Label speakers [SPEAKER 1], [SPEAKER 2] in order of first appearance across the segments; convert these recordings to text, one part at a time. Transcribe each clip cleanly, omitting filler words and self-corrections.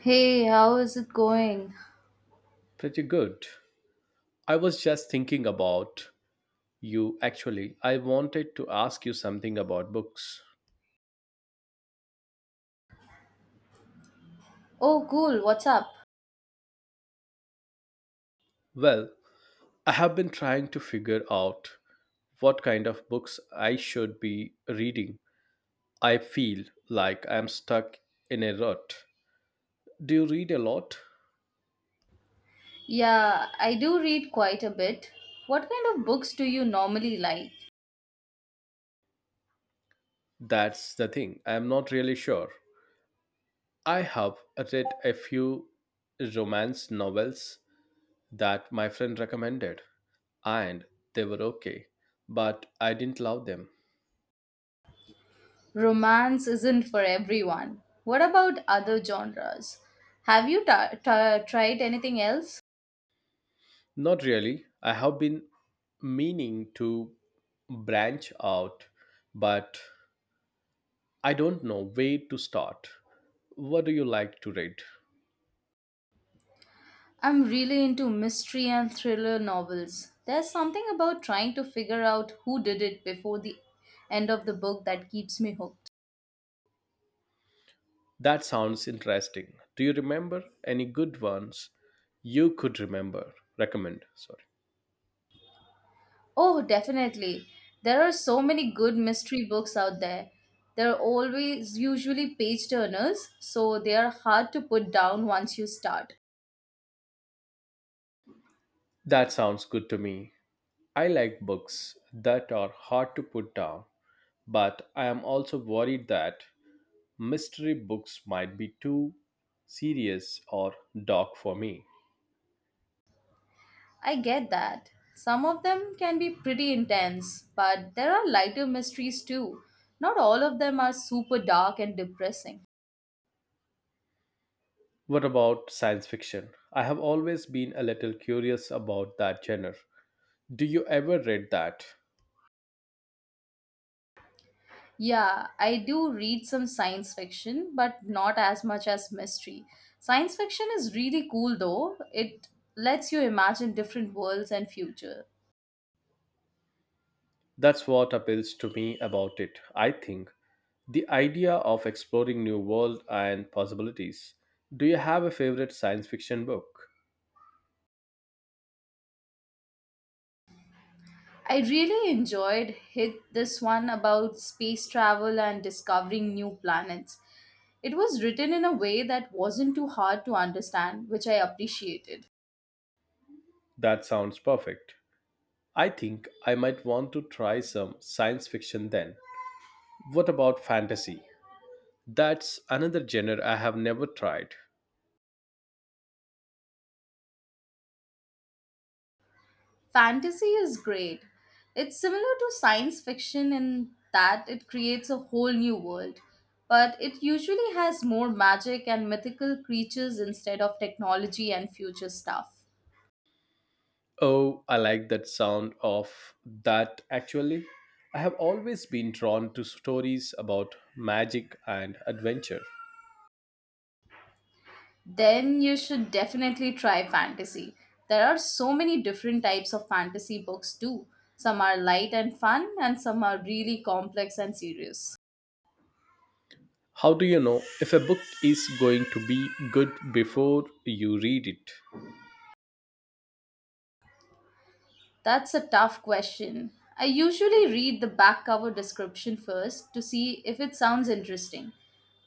[SPEAKER 1] Hey, how is it going?
[SPEAKER 2] Pretty good. I was just thinking about you actually. I wanted to ask you something about books.
[SPEAKER 1] Oh, cool. What's up?
[SPEAKER 2] Well, I have been trying to figure out what kind of books I should be reading. I feel like I'm stuck in a rut. Do you read a lot?
[SPEAKER 1] Yeah, I do read quite a bit. What kind of books do you normally like?
[SPEAKER 2] That's the thing. I'm not really sure. I have read a few romance novels that my friend recommended, and they were okay, but I didn't love them.
[SPEAKER 1] Romance isn't for everyone. What about other genres? Have you tried anything else?
[SPEAKER 2] Not really. I have been meaning to branch out, but I don't know where to start. What do you like to read?
[SPEAKER 1] I'm really into mystery and thriller novels. There's something about trying to figure out who did it before the end of the book that keeps me hooked.
[SPEAKER 2] That sounds interesting. Do you remember any good ones you could remember? Recommend, sorry.
[SPEAKER 1] Oh, definitely. There are so many good mystery books out there. They're always usually page turners, so they are hard to put down once you start.
[SPEAKER 2] That sounds good to me. I like books that are hard to put down, but I am also worried that mystery books might be too serious or dark for me.
[SPEAKER 1] I get that. Some of them can be pretty intense, but there are lighter mysteries too. Not all of them are super dark and depressing.
[SPEAKER 2] What about science fiction? I have always been a little curious about that genre. Do you ever read that?
[SPEAKER 1] Yeah, I do read some science fiction, but not as much as mystery. Science fiction is really cool though. It lets you imagine different worlds and future.
[SPEAKER 2] That's what appeals to me about it, I think. The idea of exploring new world and possibilities. Do you have a favorite science fiction book?
[SPEAKER 1] I really enjoyed hit this one about space travel and discovering new planets. It was written in a way that wasn't too hard to understand, which I appreciated.
[SPEAKER 2] That sounds perfect. I think I might want to try some science fiction then. What about fantasy? That's another genre I have never tried.
[SPEAKER 1] Fantasy is great. It's similar to science fiction in that it creates a whole new world, but it usually has more magic and mythical creatures instead of technology and future stuff.
[SPEAKER 2] Oh, I like that sound of that actually. I have always been drawn to stories about magic and adventure.
[SPEAKER 1] Then you should definitely try fantasy. There are so many different types of fantasy books too. Some are light and fun, and some are really complex and serious.
[SPEAKER 2] How do you know if a book is going to be good before you read it?
[SPEAKER 1] That's a tough question. I usually read the back cover description first to see if it sounds interesting.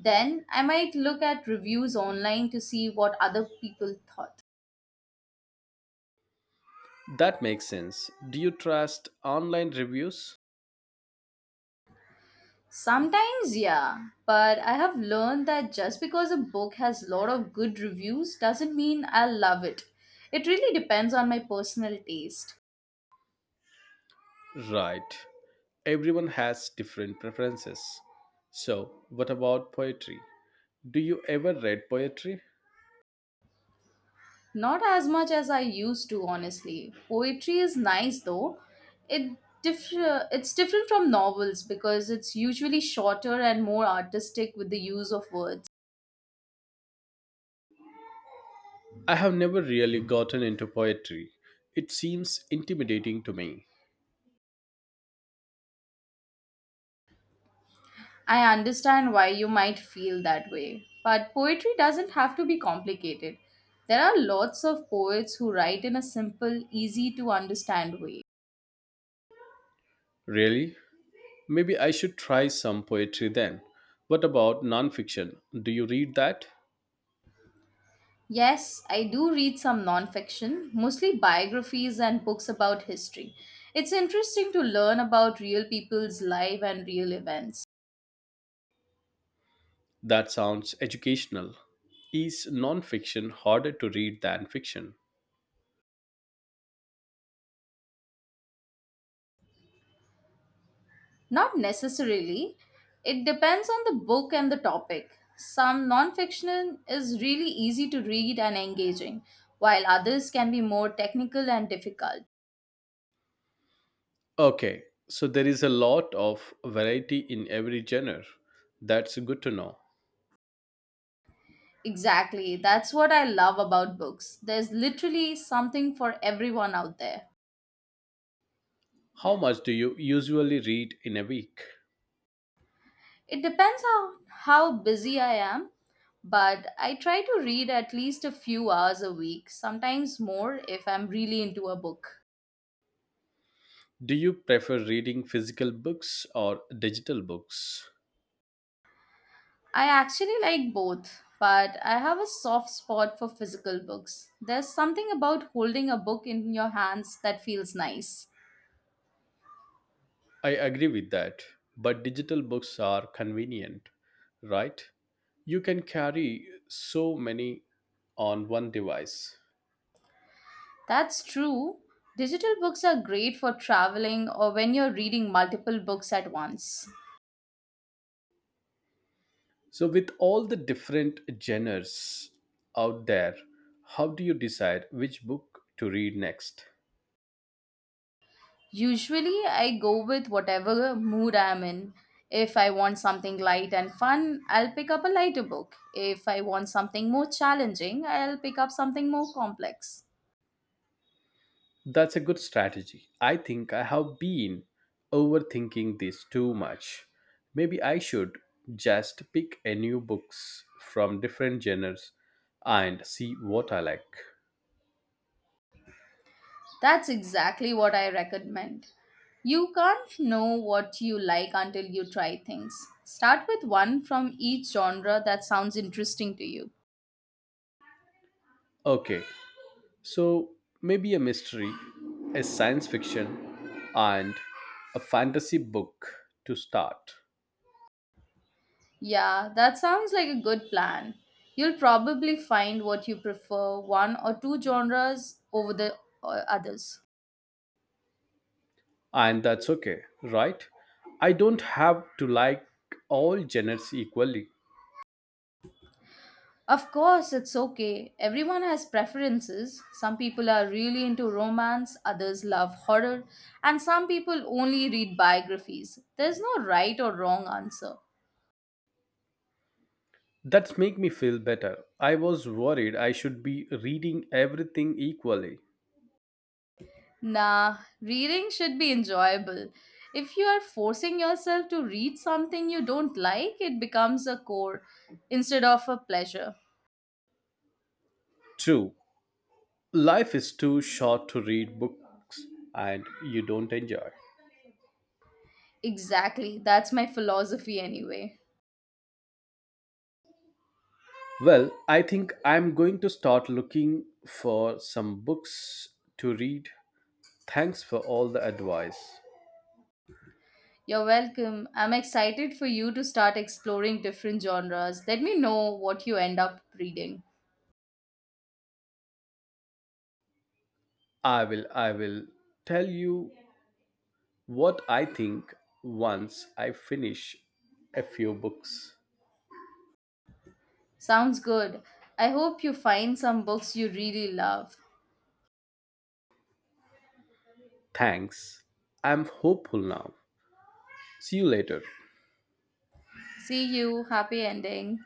[SPEAKER 1] Then I might look at reviews online to see what other people thought.
[SPEAKER 2] That makes sense. Do you trust online reviews?
[SPEAKER 1] Sometimes, yeah, but I have learned that just because a book has a lot of good reviews doesn't mean I'll love it. It really depends on my personal taste.
[SPEAKER 2] Right. Everyone has different preferences. So, what about poetry? Do you ever read poetry?
[SPEAKER 1] Not as much as I used to, honestly. Poetry is nice though. It it's different from novels because it's usually shorter and more artistic with the use of words.
[SPEAKER 2] I have never really gotten into poetry. It seems intimidating to me.
[SPEAKER 1] I understand why you might feel that way, but poetry doesn't have to be complicated. There are lots of poets who write in a simple, easy to understand way.
[SPEAKER 2] Really? Maybe I should try some poetry then. What about nonfiction? Do you read that?
[SPEAKER 1] Yes, I do read some nonfiction, mostly biographies and books about history. It's interesting to learn about real people's life and real events.
[SPEAKER 2] That sounds educational. Is nonfiction harder to read than fiction?
[SPEAKER 1] Not necessarily. It depends on the book and the topic. Some nonfiction is really easy to read and engaging, while others can be more technical and difficult.
[SPEAKER 2] Okay, so there is a lot of variety in every genre. That's good to know.
[SPEAKER 1] Exactly. That's what I love about books. There's literally something for everyone out there.
[SPEAKER 2] How much do you usually read in a week?
[SPEAKER 1] It depends on how busy I am, but I try to read at least a few hours a week, sometimes more if I'm really into a book.
[SPEAKER 2] Do you prefer reading physical books or digital books?
[SPEAKER 1] I actually like both, but I have a soft spot for physical books. There's something about holding a book in your hands that feels nice.
[SPEAKER 2] I agree with that, but digital books are convenient, right? You can carry so many on one device.
[SPEAKER 1] That's true. Digital books are great for traveling or when you're reading multiple books at once.
[SPEAKER 2] So, with all the different genres out there, how do you decide which book to read next?
[SPEAKER 1] Usually, I go with whatever mood I'm in. If I want something light and fun, I'll pick up a lighter book. If I want something more challenging, I'll pick up something more complex.
[SPEAKER 2] That's a good strategy. I think I have been overthinking this too much. Maybe I should just pick a new books from different genres and see what I like.
[SPEAKER 1] That's exactly what I recommend. You can't know what you like until you try things. Start with one from each genre that sounds interesting to you.
[SPEAKER 2] Okay, so maybe a mystery, a science fiction, and a fantasy book to start.
[SPEAKER 1] Yeah, that sounds like a good plan. You'll probably find what you prefer, one or two genres over the others.
[SPEAKER 2] And that's okay, right? I don't have to like all genres equally.
[SPEAKER 1] Of course, it's okay. Everyone has preferences. Some people are really into romance, others love horror, and some people only read biographies. There's no right or wrong answer.
[SPEAKER 2] That's make me feel better. I was worried I should be reading everything equally.
[SPEAKER 1] Nah, reading should be enjoyable. If you are forcing yourself to read something you don't like, it becomes a chore instead of a pleasure.
[SPEAKER 2] True, life is too short to read books and you don't enjoy.
[SPEAKER 1] Exactly, that's my philosophy anyway.
[SPEAKER 2] Well, I think I'm going to start looking for some books to read. Thanks for all the advice.
[SPEAKER 1] You're welcome. I'm excited for you to start exploring different genres. Let me know what you end up reading.
[SPEAKER 2] I will tell you what I think once I finish a few books.
[SPEAKER 1] Sounds good. I hope you find some books you really love.
[SPEAKER 2] Thanks. I'm hopeful now. See you later.
[SPEAKER 1] See you. Happy ending.